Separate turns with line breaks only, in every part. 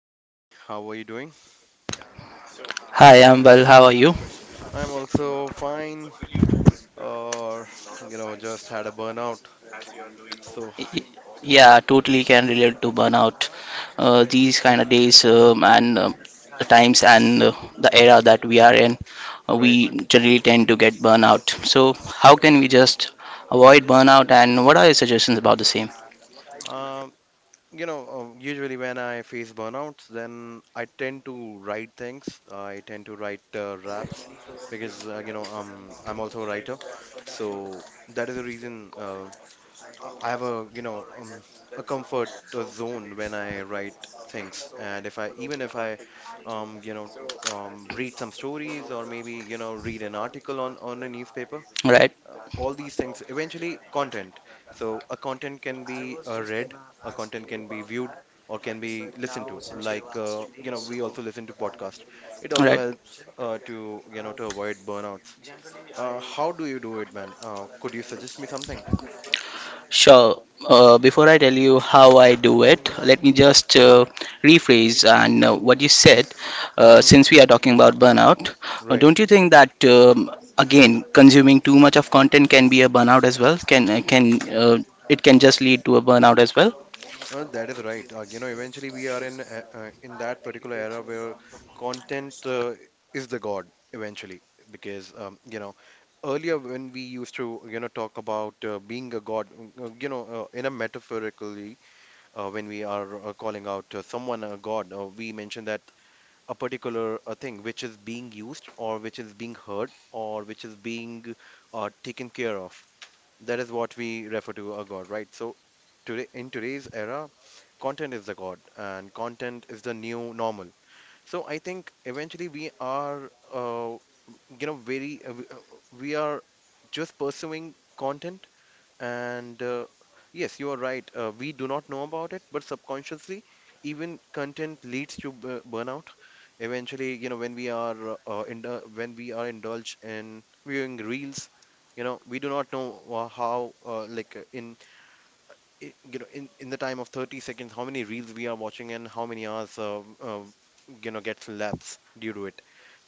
buddy. How are you doing?
Hi, I'm well. How are you?
I'm also fine. Or, just had a burnout. So,
Y- Yeah, totally can relate to burnout. These kind of days and the times and the era that we are in, we
right.
generally tend to get burnout. So, how can we just avoid burnout and what are your suggestions about the same?
Um, Usually when I face burnouts, then I tend to write things. I tend to write raps because, I'm also a writer. So that is the reason. I have a a comfort zone when I write things, and if I even if I um, you know read some stories or maybe read an article on a newspaper,
Right,
all these things eventually content. So a content can be read, a content can be viewed, or can be listened to. Like we also listen to podcast. It also
right.
helps to to avoid burnouts. How do you do it, man? Could you suggest me something?
Sure. Before I tell you how I do it, let me just rephrase and what you said.
Hmm.
Since we are talking about burnout,
Right.
don't you think that again consuming too much of content can be a burnout as well? Can it can just lead to a burnout as well?
That is right. Eventually we are in a- in that particular era where content is the god eventually because earlier when we used to talk about being a god, in a metaphorically, when we are calling out someone a god, we mention that a particular thing which is being used or which is being heard or which is being taken care of, that is what we refer to a god, right? So today in today's era, content is the god and content is the new normal. So I think eventually we are you know very we are just pursuing content, and yes, you are right. We do not know about it, but subconsciously, even content leads to b burnout. Eventually, when we are in when we are indulged in viewing reels, you know, we do not know how like in I- you know in the time of 30 seconds how many reels we are watching and how many hours, gets lapsed due to it.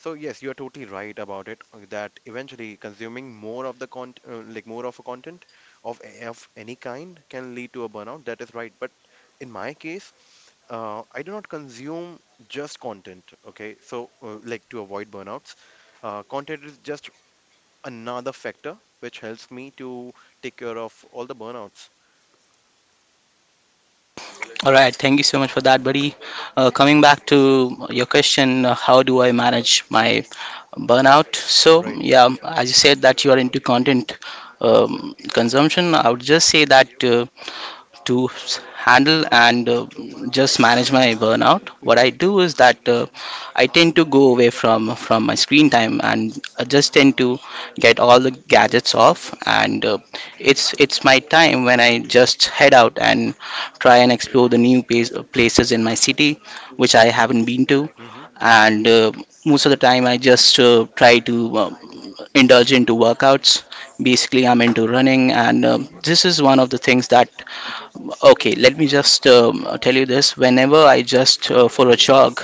So yes, you are totally right about it, that eventually consuming more of the con like more of a content of, of any kind can lead to a burnout, that is right, but in my case, I do not consume just content, okay? So, like to avoid burnouts, content is just another factor which helps me to take care of all the burnouts.
All right. Thank you so much for that, buddy. Coming
Hmm.
back to your question, how do I manage my burnout? So
Right.
yeah, as you said that you are into content consumption, I would just say that. To handle and just manage my burnout, what I do is that I tend to go away from my screen time, and I just tend to get all the gadgets off, and it's my time when I just head out and try and explore the new place, places in my city which I haven't been to.
Mm-hmm.
And most of the time I just try to indulge into workouts. Basically I'm into running, and this is one of the things that— Okay, let me just tell you this. Whenever I just for a jog,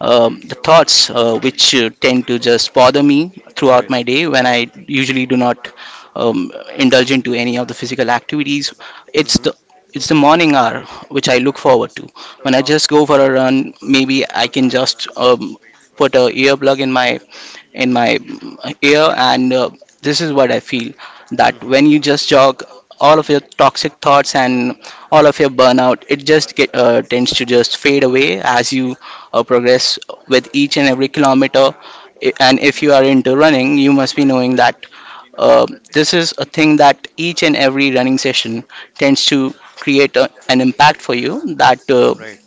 the thoughts
Mm-hmm.
which tend to just bother me throughout
Right.
my day when I usually do not indulge into any of the physical activities, it's
Mm-hmm.
the it's the morning hour which I look forward to. When I
Oh.
just go for a run, maybe I can just put a earplug in my ear, and this is what I feel that
Mm-hmm.
when you just jog, all of your toxic thoughts and all of your burnout, it just tends to just fade away as you progress with each and every kilometer. And if you are into running, you must be knowing that uh, this is a thing that each and every running session tends to create a, an impact for you that
Right.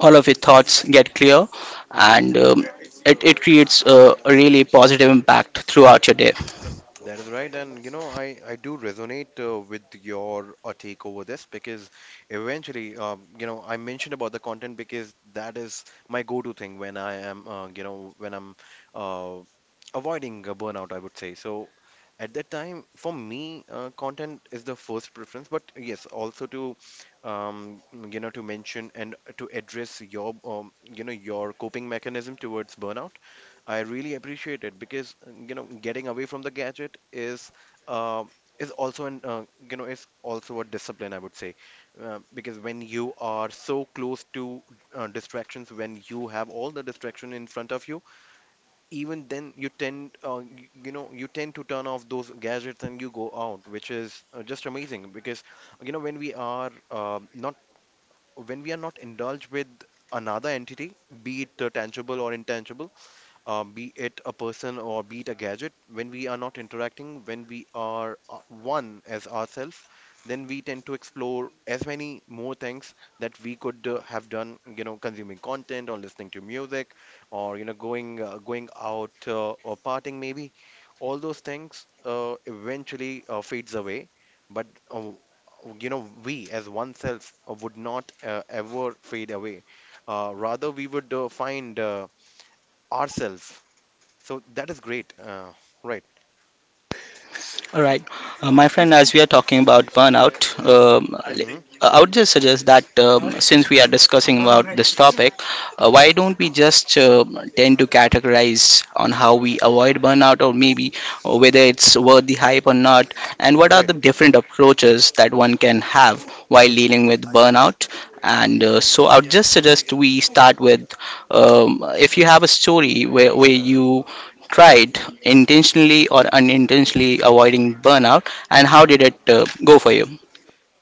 all of your thoughts get clear,
Mm-hmm.
and it, it creates a really positive impact throughout your day.
That is right, and you know, I do resonate with your take over this because eventually, I mentioned about the content because that is my go-to thing when I am, when I'm uh, avoiding a burnout, I would say. So at that time, for me, content is the first preference, but yes, also to, um, to mention and to address your, your coping mechanism towards burnout. I really appreciate it because, getting away from the gadget uh, is also an, is also a discipline, I would say, because when you are so close to distractions, when you have all the distraction in front of you, even then you tend y- you know you tend to turn off those gadgets and you go out, which is just amazing because you know when we are not when we are not indulged with another entity, be it tangible or intangible, be it a person or be it a gadget, when we are not interacting, when we are one as ourselves, then we tend to explore as many more things that we could have done, you know, consuming content or listening to music or, you know, going out or partying maybe. All those things eventually fades away, but we as oneself would not ever fade away. Rather, we would find ourselves. So that is great. Right.
All right, my friend, as we are talking about burnout, um,
Hmm.
I would just suggest that since we are discussing about this topic, why don't we just tend to categorize on how we avoid burnout or maybe whether it's worth the hype or not, and what are
Right.
the different approaches that one can have while
Hmm.
dealing with burnout? And so I would just suggest we start with if you have a story where you tried intentionally or unintentionally avoiding burnout, and how
Hmm.
did it go for you?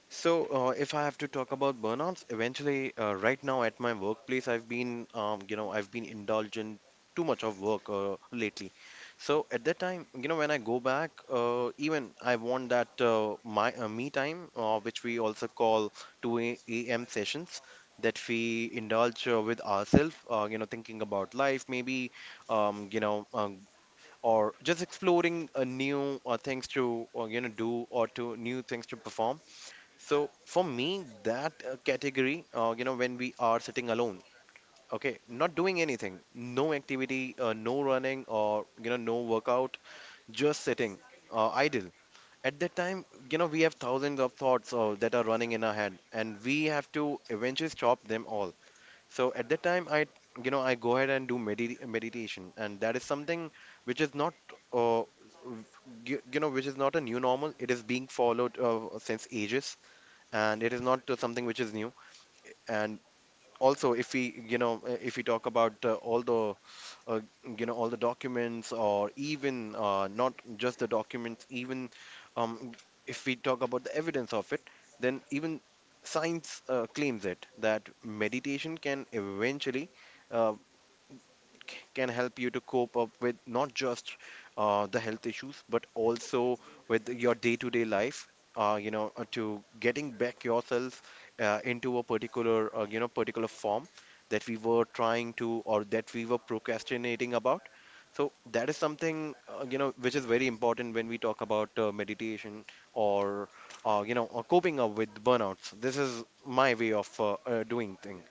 So if I have to talk about burnouts, eventually, right now at my workplace, I've been, I've been indulgent too much of work lately. So at that time, you know, when I go back, even I want that my me time, which we also call 2 a.m. sessions. That we indulge with ourselves, thinking about life, maybe, um, you know, uh, or just exploring a new things to do or to new things to perform. So for me that category, when we are sitting alone, okay, not doing anything, no activity, no running or you know no workout, just sitting idle. At that time, you know, we have thousands of thoughts that are running in our head and we have to eventually stop them all. So at that time, I, I go ahead and do meditation, and that is something which is not uh, which is not a new normal. It is being followed since ages, and it is not something which is new. And also if we if we talk about all the uh, all the documents or even not just the documents, even um, if we talk about the evidence of it, then even science claims it that meditation can eventually, uh, can help you to cope up with not just the health issues, but also with your day-to-day life. To getting back yourself into a particular, particular form that we were trying to or that we were procrastinating about. So that is something, which is very important when we talk about meditation or, or coping up with burnouts. This is my way of doing things.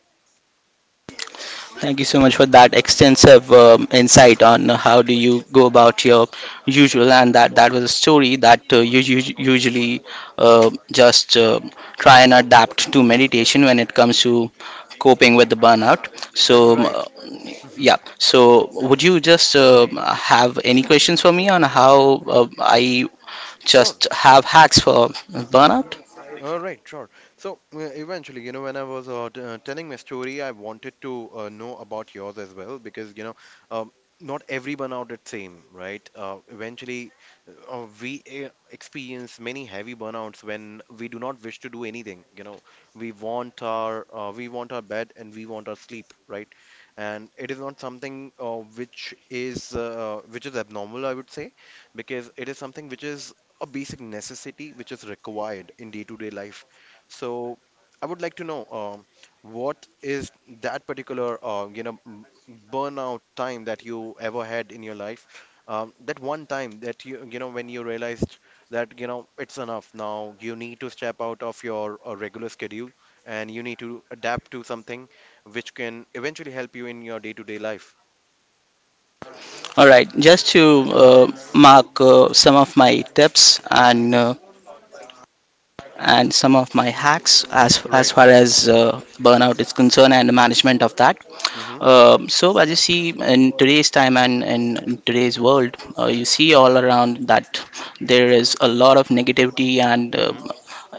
Thank you so much for that extensive insight on how do you go about your usual, and that that was a story that you, you usually just try and adapt to meditation when it comes to coping with the burnout.
That
So
is right. Mhm.
yeah, so would you just have any questions for me on how I
Sure.
just have hacks for burnout?
All right, sure. So eventually, you know, when I was telling my story, I wanted to know about yours as well because, you know, um, not everyone out at same, right? Eventually, we experience many heavy burnouts when we do not wish to do anything. You know, we want our bed and we want our sleep, right? And it is not something which is abnormal, I would say, because it is something which is a basic necessity which is required in day-to-day life. So I would like to know what is that particular burnout time that you ever had in your life? That one time that you know when you realized that you know it's enough now, you need to step out of your regular schedule and you need to adapt to something which can eventually help you in your day-to-day life.
All right, just to uh, mark some of my tips and some of my hacks as
Right.
far as burnout is concerned and the management of that.
Mm-hmm.
So as you see in today's time and in today's world, you see all around that there is a lot of negativity, and
Mm-hmm.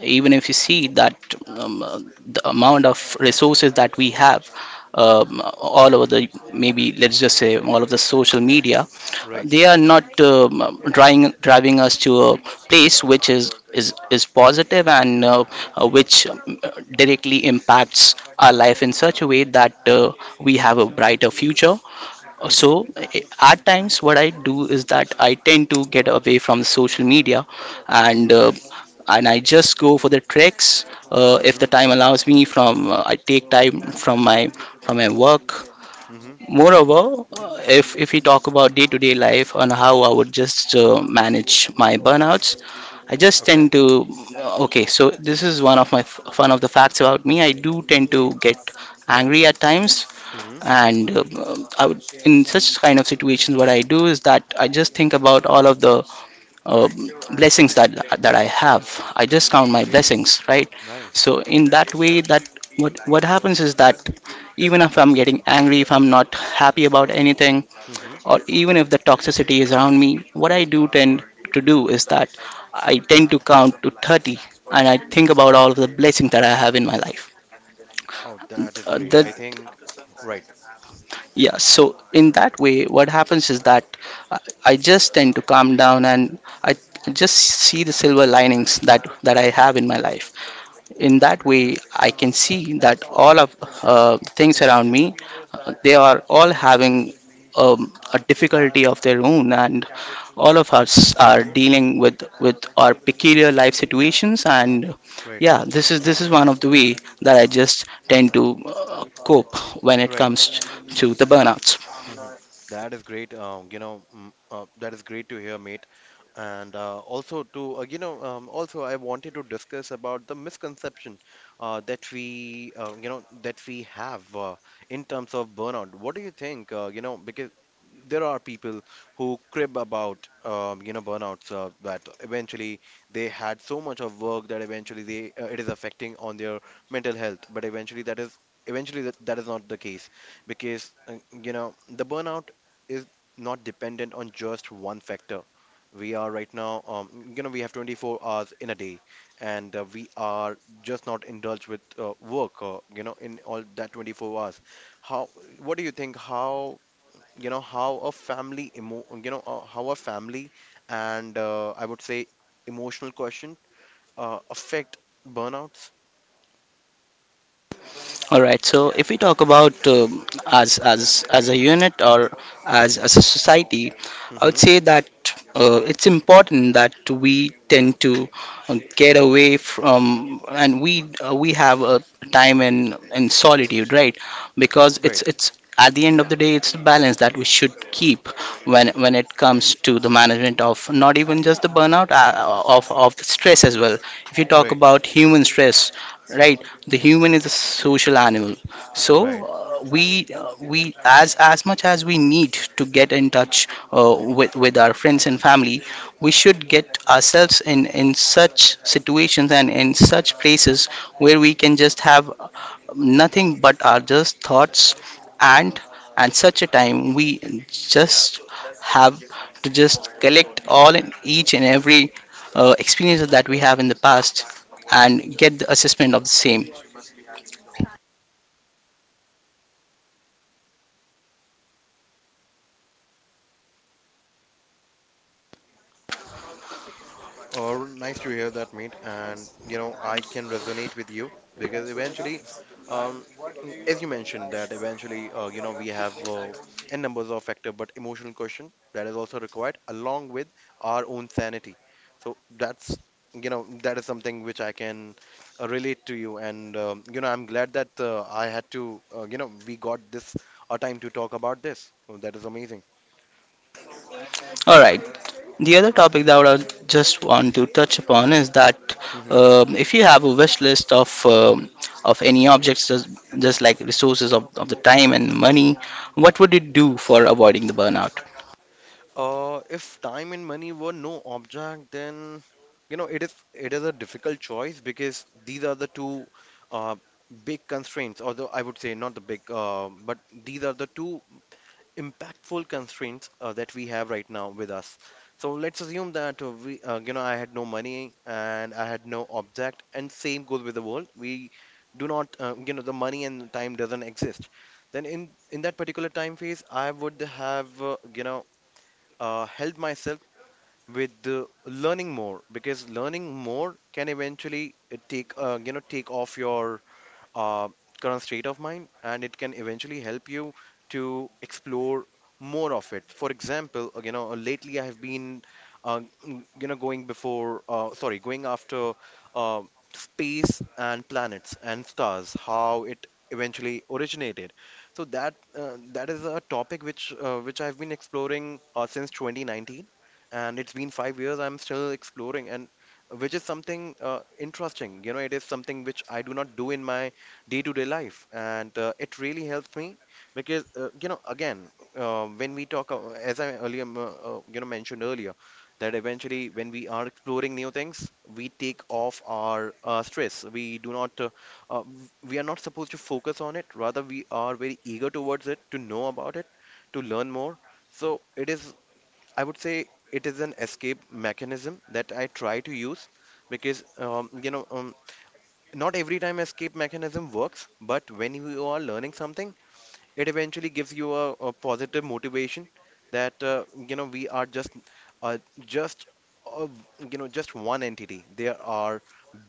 even if you see that um, uh, the amount of resources that we have all over the, maybe let's just say all of the social media,
Right.
they are not driving us to a place which is positive, and which directly impacts our life in such a way that we have a brighter future.
Mm-hmm.
So, at times, what I do is that I tend to get away from social media, and uh,
Okay.
and I just go for the treks if the
Mm-hmm.
time allows me. From I take time from my work.
Mm-hmm.
Moreover, if we talk about day-to-day life and how I would just manage my burnouts, I just
Okay.
tend to okay. So this is one of my one of the facts about me. I do tend to get angry at times,
Mm-hmm.
and I would, in such kind of situations, what I do is that I just think about all of the uh, blessings that that I have. I just count my blessings, right?
Nice.
So in that way, that what happens is that even if I'm getting angry, if I'm not happy about anything
Mm-hmm.
or even if the toxicity is around me, what I do tend to do is that I tend to count to 30 and I think about all of the blessings that I have in my life.
Oh, that is great.
That
I think, right,
Yeah, so in that way, what happens is that I I just tend to calm down and I just see the silver linings that that I have in my life. In that way I can see that all of things around me, they are all having a difficulty of their own, and all of us are dealing with our peculiar life situations, and
right,
yeah, this is one of the way that I just tend to cope when it
right.
comes to the burnouts.
Mhm. That is great. That is great to hear, mate. And also to, also I wanted to discuss about the misconception that we, that we have in terms of burnout. What do you think? Because there are people who crib about, burnouts that eventually they had so much of work that eventually they it is affecting on their mental health, but eventually that is eventually that is not the case because the burnout is not dependent on just one factor. We are right now, we have 24 hours in a day, and we are just not indulged with work, in all that 24 hours. How, what do you think how you know how a family emo- you know how a family and I would say emotional question affect burnouts?
All right. So if we talk about as a unit or as a society, I would
Hmm.
say that it's important that we tend to get away from, and we have a time in solitude, right? Because
Right.
it's at the end of the day it's the balance that we should keep when it comes to the management of not even just the burnout, of the stress as well. If you talk
Right.
about human stress, right, the human is a social animal. So
Right.
we we, as much as we need to get in touch with our friends and family, we should get ourselves in such situations and in such places where we can just have nothing but our just thoughts, and at such a time we just have to just collect all and each and every experiences that we have in the past and get the assessment of the same.
Or nice to hear that, mate. And you know, I can resonate with you because eventually, um, as you mentioned, that eventually, we have n numbers of factor, but emotional question that is also required along with our own sanity. So that's that is something which I can relate to you, and I'm glad that I had to we got this time to talk about this. So that is amazing.
All right. The other topic that I would have just want to touch upon is that
Mm-hmm.
if you have a wish list of any objects, just like resources of the time and money, what would you do for avoiding the burnout?
If time and money were no object, then it is a difficult choice because these are the two uh, big constraints. Although I would say not the big, but these are the two impactful constraints that we have right now with us. So let's assume that I had no money and I had no object, and same goes with the world. We do not, the money and time doesn't exist. Then in that particular time phase, I would have, help myself with learning more, because learning more can eventually take take off your uh, current state of mind, and it can eventually help you to explore more of it. For example, lately I have been going before sorry, going after uh, space and planets and stars, how it eventually originated. So that that is a topic which I've been exploring since 2019, and it's been 5 years I'm still exploring, and which is something interesting. You know, it is something which I do not do in my day-to-day life, and it really helps me because again, when we talk, as I earlier m- you know mentioned earlier, that eventually when we are exploring new things, we take off our stress. We do not we are not supposed to focus on it, rather we are very eager towards it to know about it, to learn more. So it is, I would say, it is an escape mechanism that I try to use, because um, you know um, not every time escape mechanism works, but when you are learning something, it eventually gives you a positive motivation that we are just uh, just uh, just one entity. There are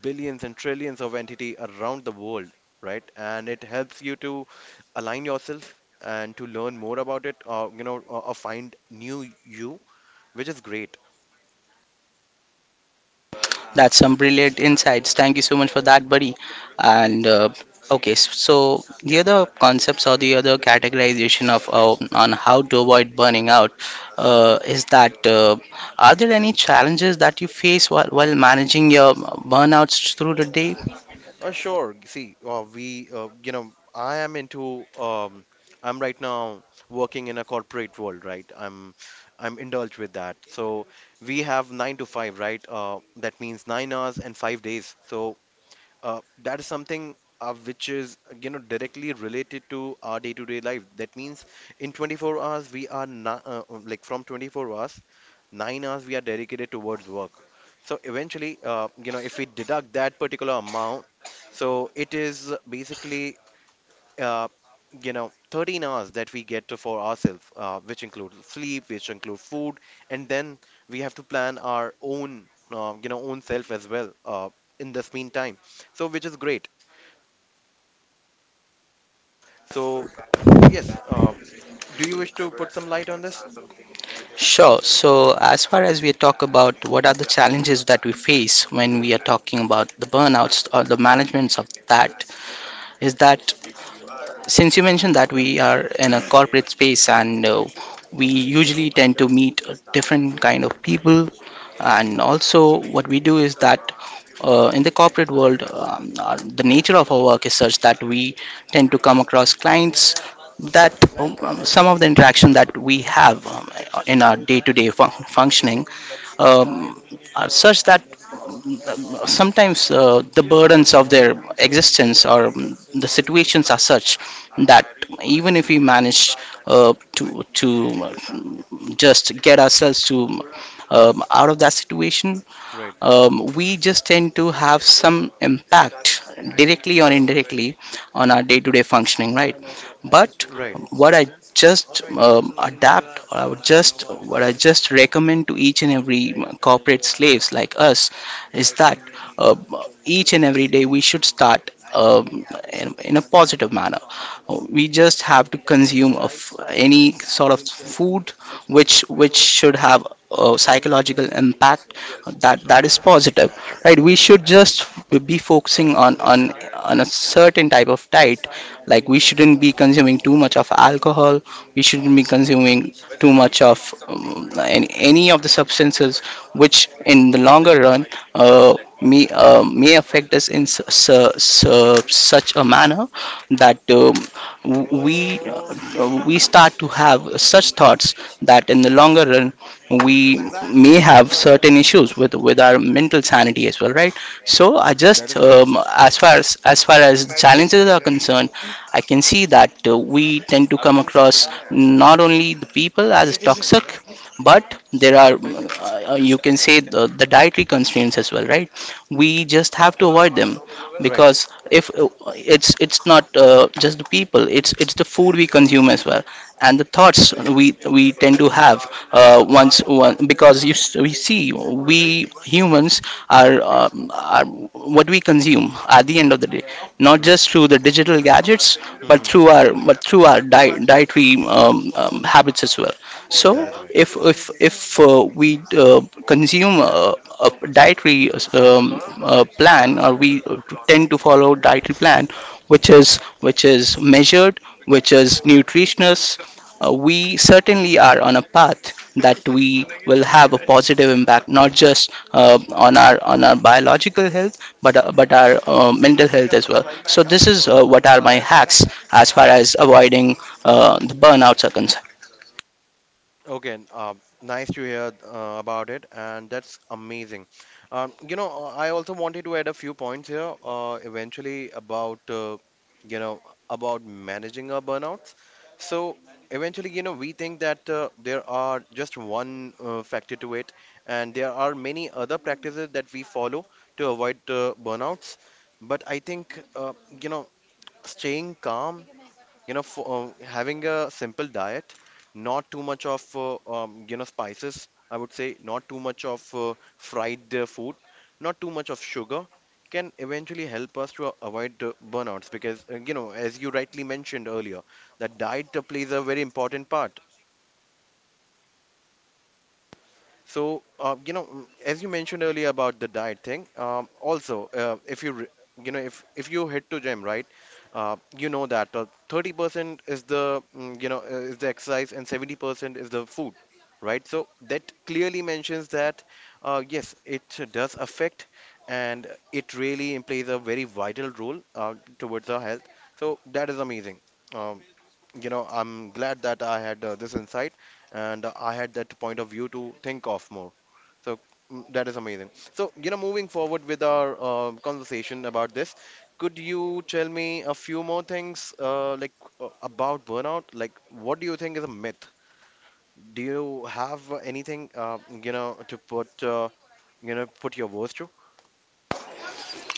billions and trillions of entity around the world, right? And it helps you to align yourself and to learn more about it, or find new you, which is great.
That's some brilliant insights. Thank you so much for that, buddy. And okay, so the other concepts or the other categorization of on how to avoid burning out,
Hmm.
is that are there any challenges that you face while managing your burnouts through the day?
Sure. See, I am into, I'm right now working in a corporate world, right? I'm indulged with that. So we have nine to five, right? That means 9 hours and 5 days. So that is something which is, you know, directly related to our day-to-day life. That means in 24 hours we are not, like from 24 hours, 9 hours we are dedicated towards work. So eventually, if we deduct that particular amount, so it is basically uh, 13 hours that we get to for ourselves, which include sleep, which include food, and then we have to plan our own, own self as well, in this meantime. So which is great. So yes, do you wish to put some light on this?
Sure. So as far as we talk about what are the challenges that we face when we are talking about the burnouts or the managements of that, is that, since you mentioned that we are in a corporate space and we usually tend to meet different kind of people, and also what we do is that in the corporate world, our, the nature of our work is such that we tend to come across clients that some of the interaction that we have in our day-to-day functioning um, are such that sometimes the burdens of
Mm-hmm.
their existence or the situations are such that even if we manage to um, just get ourselves to out of that situation,
Right.
we just tend to have some impact directly or indirectly on our day-to-day functioning, right? But
Right.
what I just adapt, or I would just, what I just recommend to each and every corporate slaves like us is that uh, each and every day we should start in a positive manner. We just have to consume of any sort of food which should have a psychological impact that that is positive, right? We should just be focusing on a certain type of diet. Like we shouldn't be consuming too much of alcohol, we shouldn't be consuming too much of any of the substances which in the longer run uh, may affect us in such a manner that we start to have such thoughts that in the longer run we may have certain issues with our mental sanity as well, right? So I
That
just
is right.
as far as challenges are concerned, I can see that we tend to come across not only the people as toxic, but there are you can say the dietary constraints as well, right? We just have to avoid them.
Right.
Because if it's it's not just the people, it's the food we consume as well, and the thoughts we tend to have. Uh, once one because we see, we humans are what we consume at the end of the day, not
Right.
just through the digital gadgets, but
Mm-hmm.
through our dietary habits as well.
That
So
is right.
if we consume a dietary plan, or we tend to follow dietary plan which is measured, which is nutritious, we certainly are on a path that we will have a positive impact, not just on our biological health, but but our mental health as well. So this is what are my hacks as far as avoiding the burnouts are concerned.
Okay, nice to hear about it, and that's amazing. I also wanted to add a few points here, eventually about you know about managing our burnouts. So eventually, you know, we think that there are just one factor to it, and there are many other practices that we follow to avoid burnouts. But I think you know, staying calm, you know, for having a simple diet, not too much of spices, I would say not too much of fried food, not too much of sugar, can eventually help us to avoid burnouts, because you know, as you rightly mentioned earlier, that diet plays a very important part. So, as you mentioned earlier about the diet thing, also, if you, if you hit to gym, right, you know that 30% is the, is the exercise, and 70% is the food, right? So that clearly mentions that, yes, it does affect, and it really plays a very vital role towards our health. So that is amazing. Um, I'm glad that I had this insight and I had that point of view to think of more. So that is amazing. So, you know, moving forward with our conversation about this, could you tell me a few more things like about burnout? Like, what do you think is a myth? Do you have anything, to put, put your words to?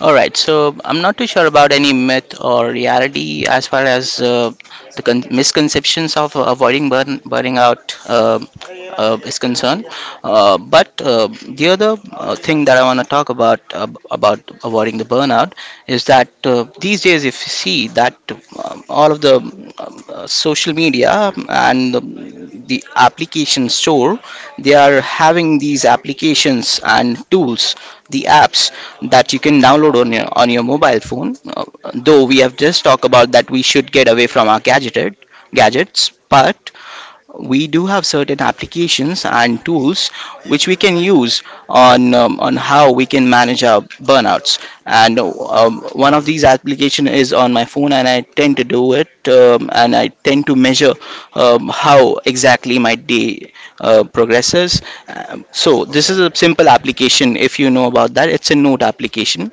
All right, so I'm not too sure about any myth or reality as far as the misconceptions of avoiding burning out is concerned. But the other thing that I want to talk about avoiding the burnout is that these days, if you see that all of the social media and the application store, they are having these applications and tools, the apps that you can download on your mobile phone. Though we have just talked about that we should get away from our gadgeted gadgets, but we do have certain applications and tools which we can use on how we can manage our burnouts. And one of
Mm-hmm.
these application is on my phone, and I tend to do it and I tend to measure how exactly my day progresses. So this
Okay.
is a simple application. If you know about that, it's a Node application.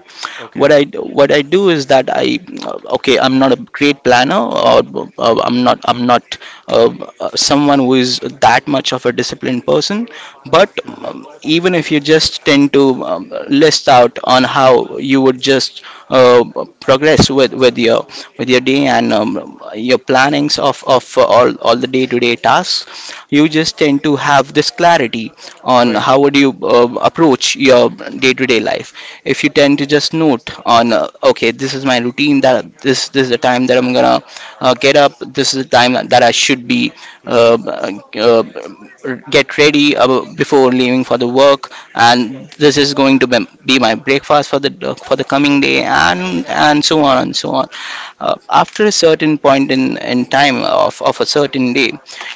What
Okay.
I what I do is that I okay, I'm not a great planner, or I'm not uh, someone who is that much of a disciplined person, but
Mm-hmm.
even if you just tend to list out on how you would just uh, progress with your day, and your plannings of all the day-to-day tasks, you just tend to have this clarity on
Right.
how would you approach your day-to-day life. If you tend to just note on okay, this is my routine, that this is the time that I'm gonna get up, this is the time that I should be
Mm-hmm.
uh, uh, get ready before leaving for the work, and this is going to be my breakfast for the coming day, and so on and so on. After a certain point in time of a certain day,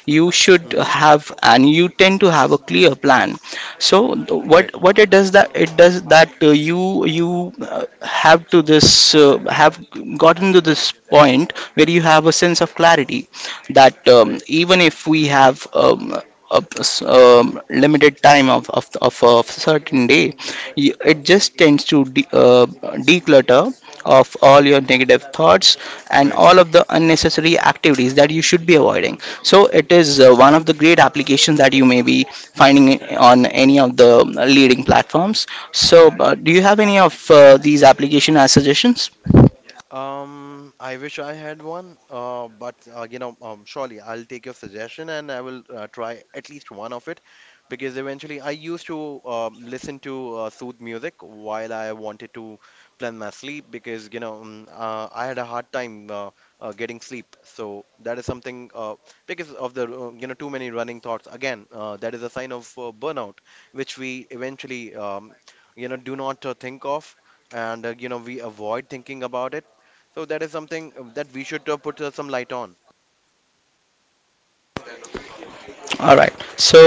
Mm-hmm.
you tend to have a clear plan. So th- what
Right.
what it does that you have to this have gotten to this point where you have a sense of clarity that
Right.
even if we have limited time of a certain day, it just tends to declutter of all your negative thoughts and
Right.
all of the unnecessary activities that you should be avoiding. So it is one of the great applications that you may be finding it on any of the leading platforms. So do you have any of these application as suggestions?
I wish I had one, but surely I'll take your suggestion and I will try at least one of it, because eventually I used to listen to sooth music while I wanted to plan my sleep, because I had a hard time getting sleep. So that is something because of the too many running thoughts. Again, that is a sign of burnout, which we eventually do not think of. And we avoid thinking about it. So that is something that we should put some light on.
All right. So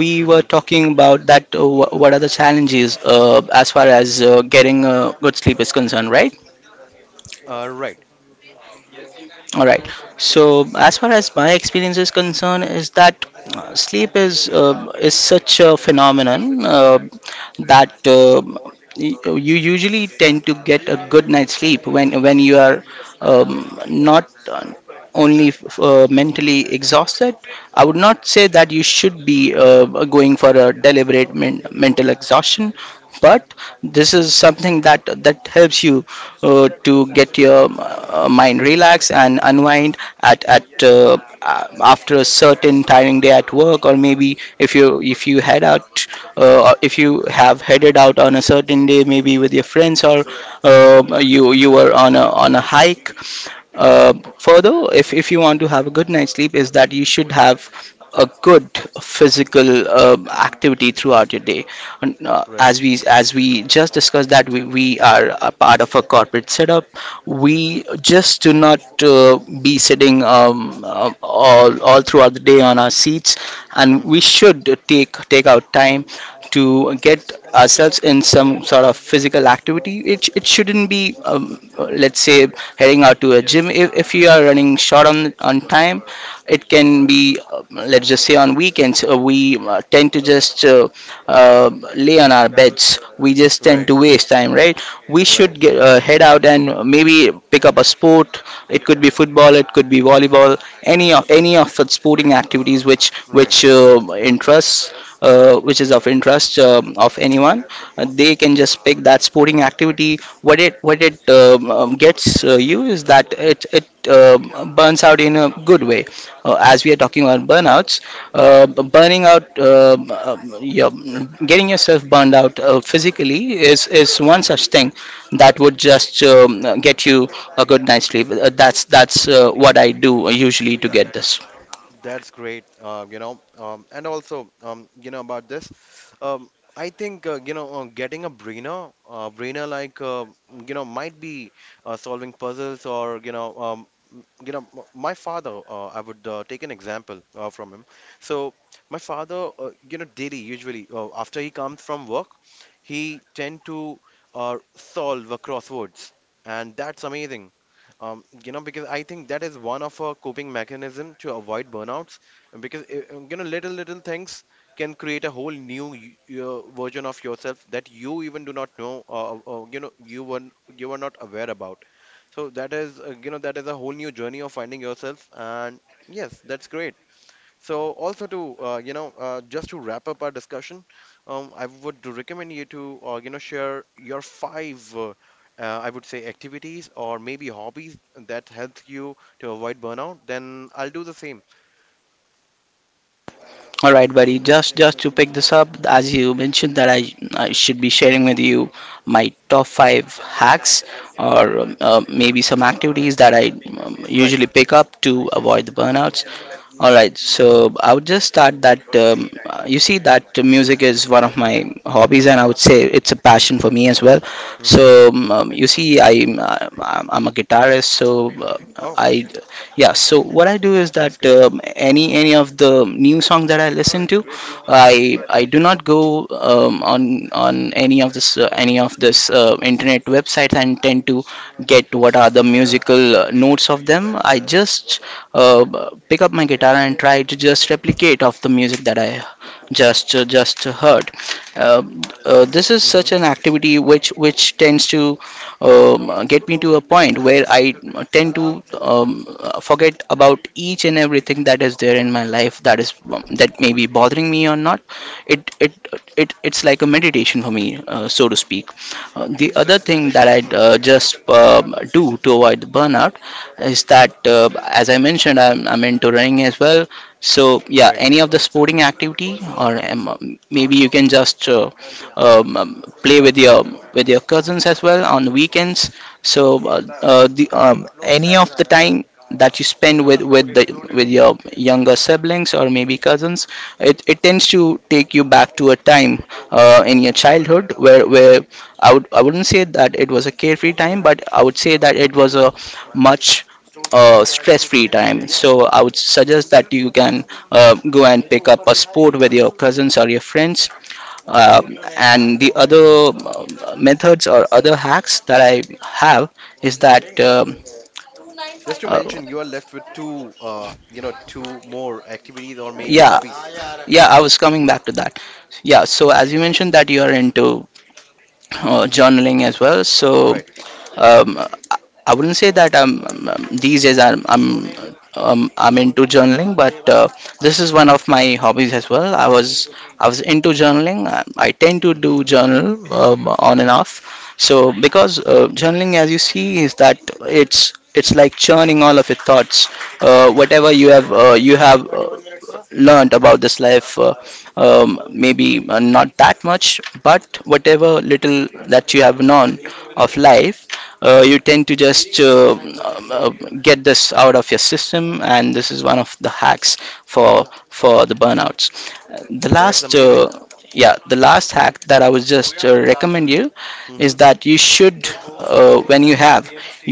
we were
Mm-hmm.
talking about that. What are the challenges as far as getting good sleep is concerned, right?
Right.
All right. So as far as my experience is concerned, is that sleep is such a phenomenon that y- you usually tend to get a good night's sleep when you are um, not only mentally exhausted. I would not say that you should be going for a deliberate mental exhaustion, but this is something that helps you to get your mind relaxed and unwind at after a certain tiring day at work, or maybe if you head out, or if you have headed out on a certain day, maybe with your friends, or uh,
Mm-hmm.
you you were on a hike. Further, if you want to have a good night's sleep, is that you should have a good physical activity throughout your day. And uh,
Right.
as we as we just discussed that we are a part of a corporate setup, we just do not be sitting all throughout the day on our seats, and we
Mm-hmm.
should take out time to get ourselves in some sort of physical activity. It shouldn't be, let's say, heading out to a gym. If you are running short on time, it can be, let's just say, on weekends, we tend to just uh, lay on our beds. We just tend
Right.
to waste time, right? We
Right.
should get, head out and maybe pick up a sport. It could be football, it could be volleyball, any of the sporting activities which
Right.
interests which is of interest of anyone. They can just pick that sporting activity. What it gets you is that it burns out in a good way. As we are talking about burnouts, burning out getting yourself burned out physically is one such thing that would just get you a good night's sleep. That's what I do usually to get this.
That's great, and also, about this, um, I think, getting a brainer, brainer like, might be solving puzzles, or, you know, my father, I would take an example from him. So my father, daily, usually, after he comes from work, he tend to solve a crosswords, and that's amazing. You know, because I think that is one of our coping mechanism to avoid burnouts, and because little things can create a whole new your version of yourself that you even do not know, or you know, you were, you were not aware about. So that is that is a whole new journey of finding yourself, and yes, that's great. So also to, just to wrap up our discussion, I would recommend you to share your five, I would say, activities or maybe hobbies that help you to avoid burnout. Then I'll do the same.
All right, buddy. Just to pick this up, as you mentioned that I should be sharing with you my top five hacks, or maybe some activities that I
Right.
usually pick up to
Mm-hmm.
avoid the burnouts. All right, so I would just start that. You see, that music is one of my hobbies, and I would say it's a passion for me as well.
Mm-hmm.
So you see, I'm I'm a guitarist, so
Oh,
I yeah. So what I do is
that's
that
great.
any of the new songs that I listen to, I do not go on any of this internet websites and tend to get what are the musical notes of them. I just pick up my guitar and try to just replicate of the music that I just heard. Uh, this is
Mm-hmm.
such an activity which tends to get me to a point where I tend to forget about each and everything that is there in my life that is that may be bothering me or not. It it it's like a meditation for me, so to speak. The other thing that I
Mm-hmm.
just do to avoid the burnout is that as I mentioned, I'm into running as well. So yeah,
Right.
any of the sporting activity, or maybe you can just play with your cousins as well on the weekends. So the any of the time that you spend with the with your younger siblings or maybe cousins, it tends to take you back to a time in your childhood where I wouldn't say that it was a carefree time, but I would say that it was a much stress-free time. So I would suggest that you can go and pick up a sport with your cousins or your friends.
Right.
Uh, and the other methods or other hacks that I have is that
Just to
uh,
mention, you are left with two, two more activities or maybe
yeah,
hobbies.
yeah I was coming back to that. Yeah, so as you mentioned that you are into journaling as well. So
Right.
I wouldn't say that I'm these days I'm into journaling, but this is one of my hobbies as well. I was into journaling. I tend to do
Mm-hmm.
journal on and off. So because journaling, as you see, is that it's like churning all of your thoughts, whatever you have you have. Learned about this life, maybe not that much, but whatever little that you have known of life, you tend to just get this out of your system. And this is one of the hacks for the burnouts. Uh, the
That's
last uh,
amazing.
yeah the last hack that I would just recommend you is
Mm-hmm.
that you should when you have,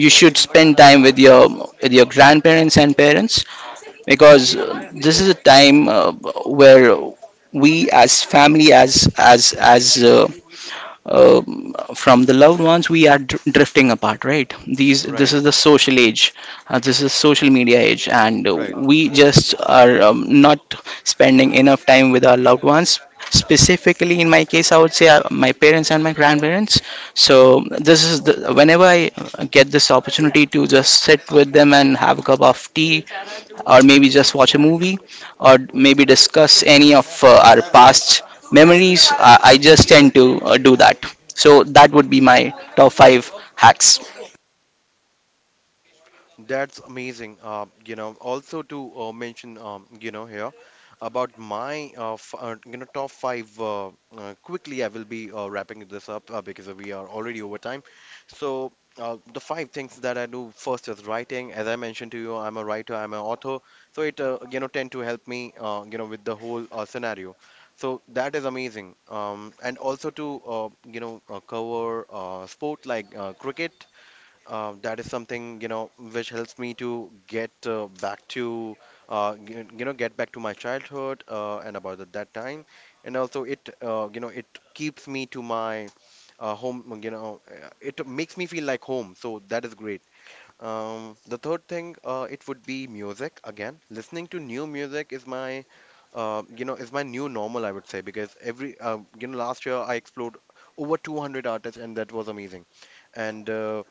you should spend time with your grandparents and parents. Because this is a time where we as family as uh, from the loved ones, we are drifting apart, right? these This
Right.
is the social age, this is social media age, and
Right.
we just are not spending enough time with our loved ones, specifically in my case. I would say my parents and my grandparents. So this is the, whenever I get this opportunity to just sit with them and have a cup of tea, or maybe just watch a movie, or maybe discuss any of our past memories, I just tend to do that. So that would be my top five hacks.
That's amazing. Also to mention, here about my f you know top five. Quickly, I will be wrapping this up because we are already over time. So the five things that I do first is writing. As I mentioned to you, I'm a writer, I'm an author, so it tend to help me with the whole scenario. So that is amazing. And also to cover sport like cricket. That is something, you know, which helps me to get back to get back to my childhood and about at that time, and also it it keeps me to my home, you know, it makes me feel like home. So that is great. The third thing, it would be music. Again, listening to new music is my is my new normal, I would say, because every, last year I explored over 200 artists, and that was amazing. And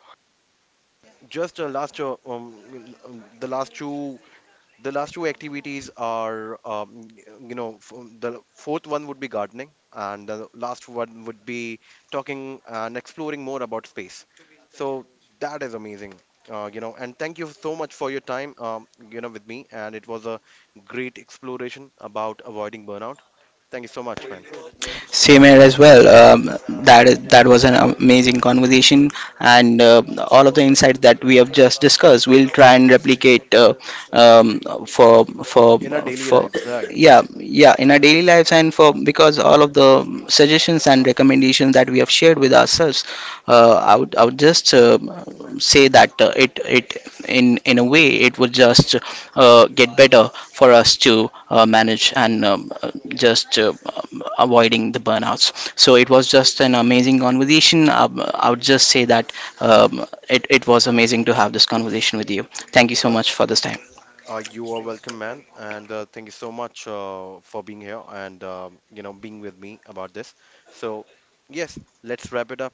just last the last two, the last two activities are, the fourth one would be gardening, and the last one would be talking and exploring more about space. So that is amazing. And thank you so much for your time, with me, and it was a great exploration about avoiding burnout. Thank you so much, man.
Same here as well. That was an amazing conversation, and all of the insights that we have just discussed, we'll try and replicate um, for for
In our daily
for
lives, right?
yeah, in our daily lives. And for because all of the suggestions and recommendations that we have shared with ourselves, I would just say that it it in a way it would just get better for us to manage and just avoiding the burnouts. So it was just an amazing conversation. I would just say that it was amazing to have this conversation with you. Thank you so
uh,
much for this time.
You are welcome, man, and thank you so much for being here and you know being with me about this. So, yes, let's wrap it up.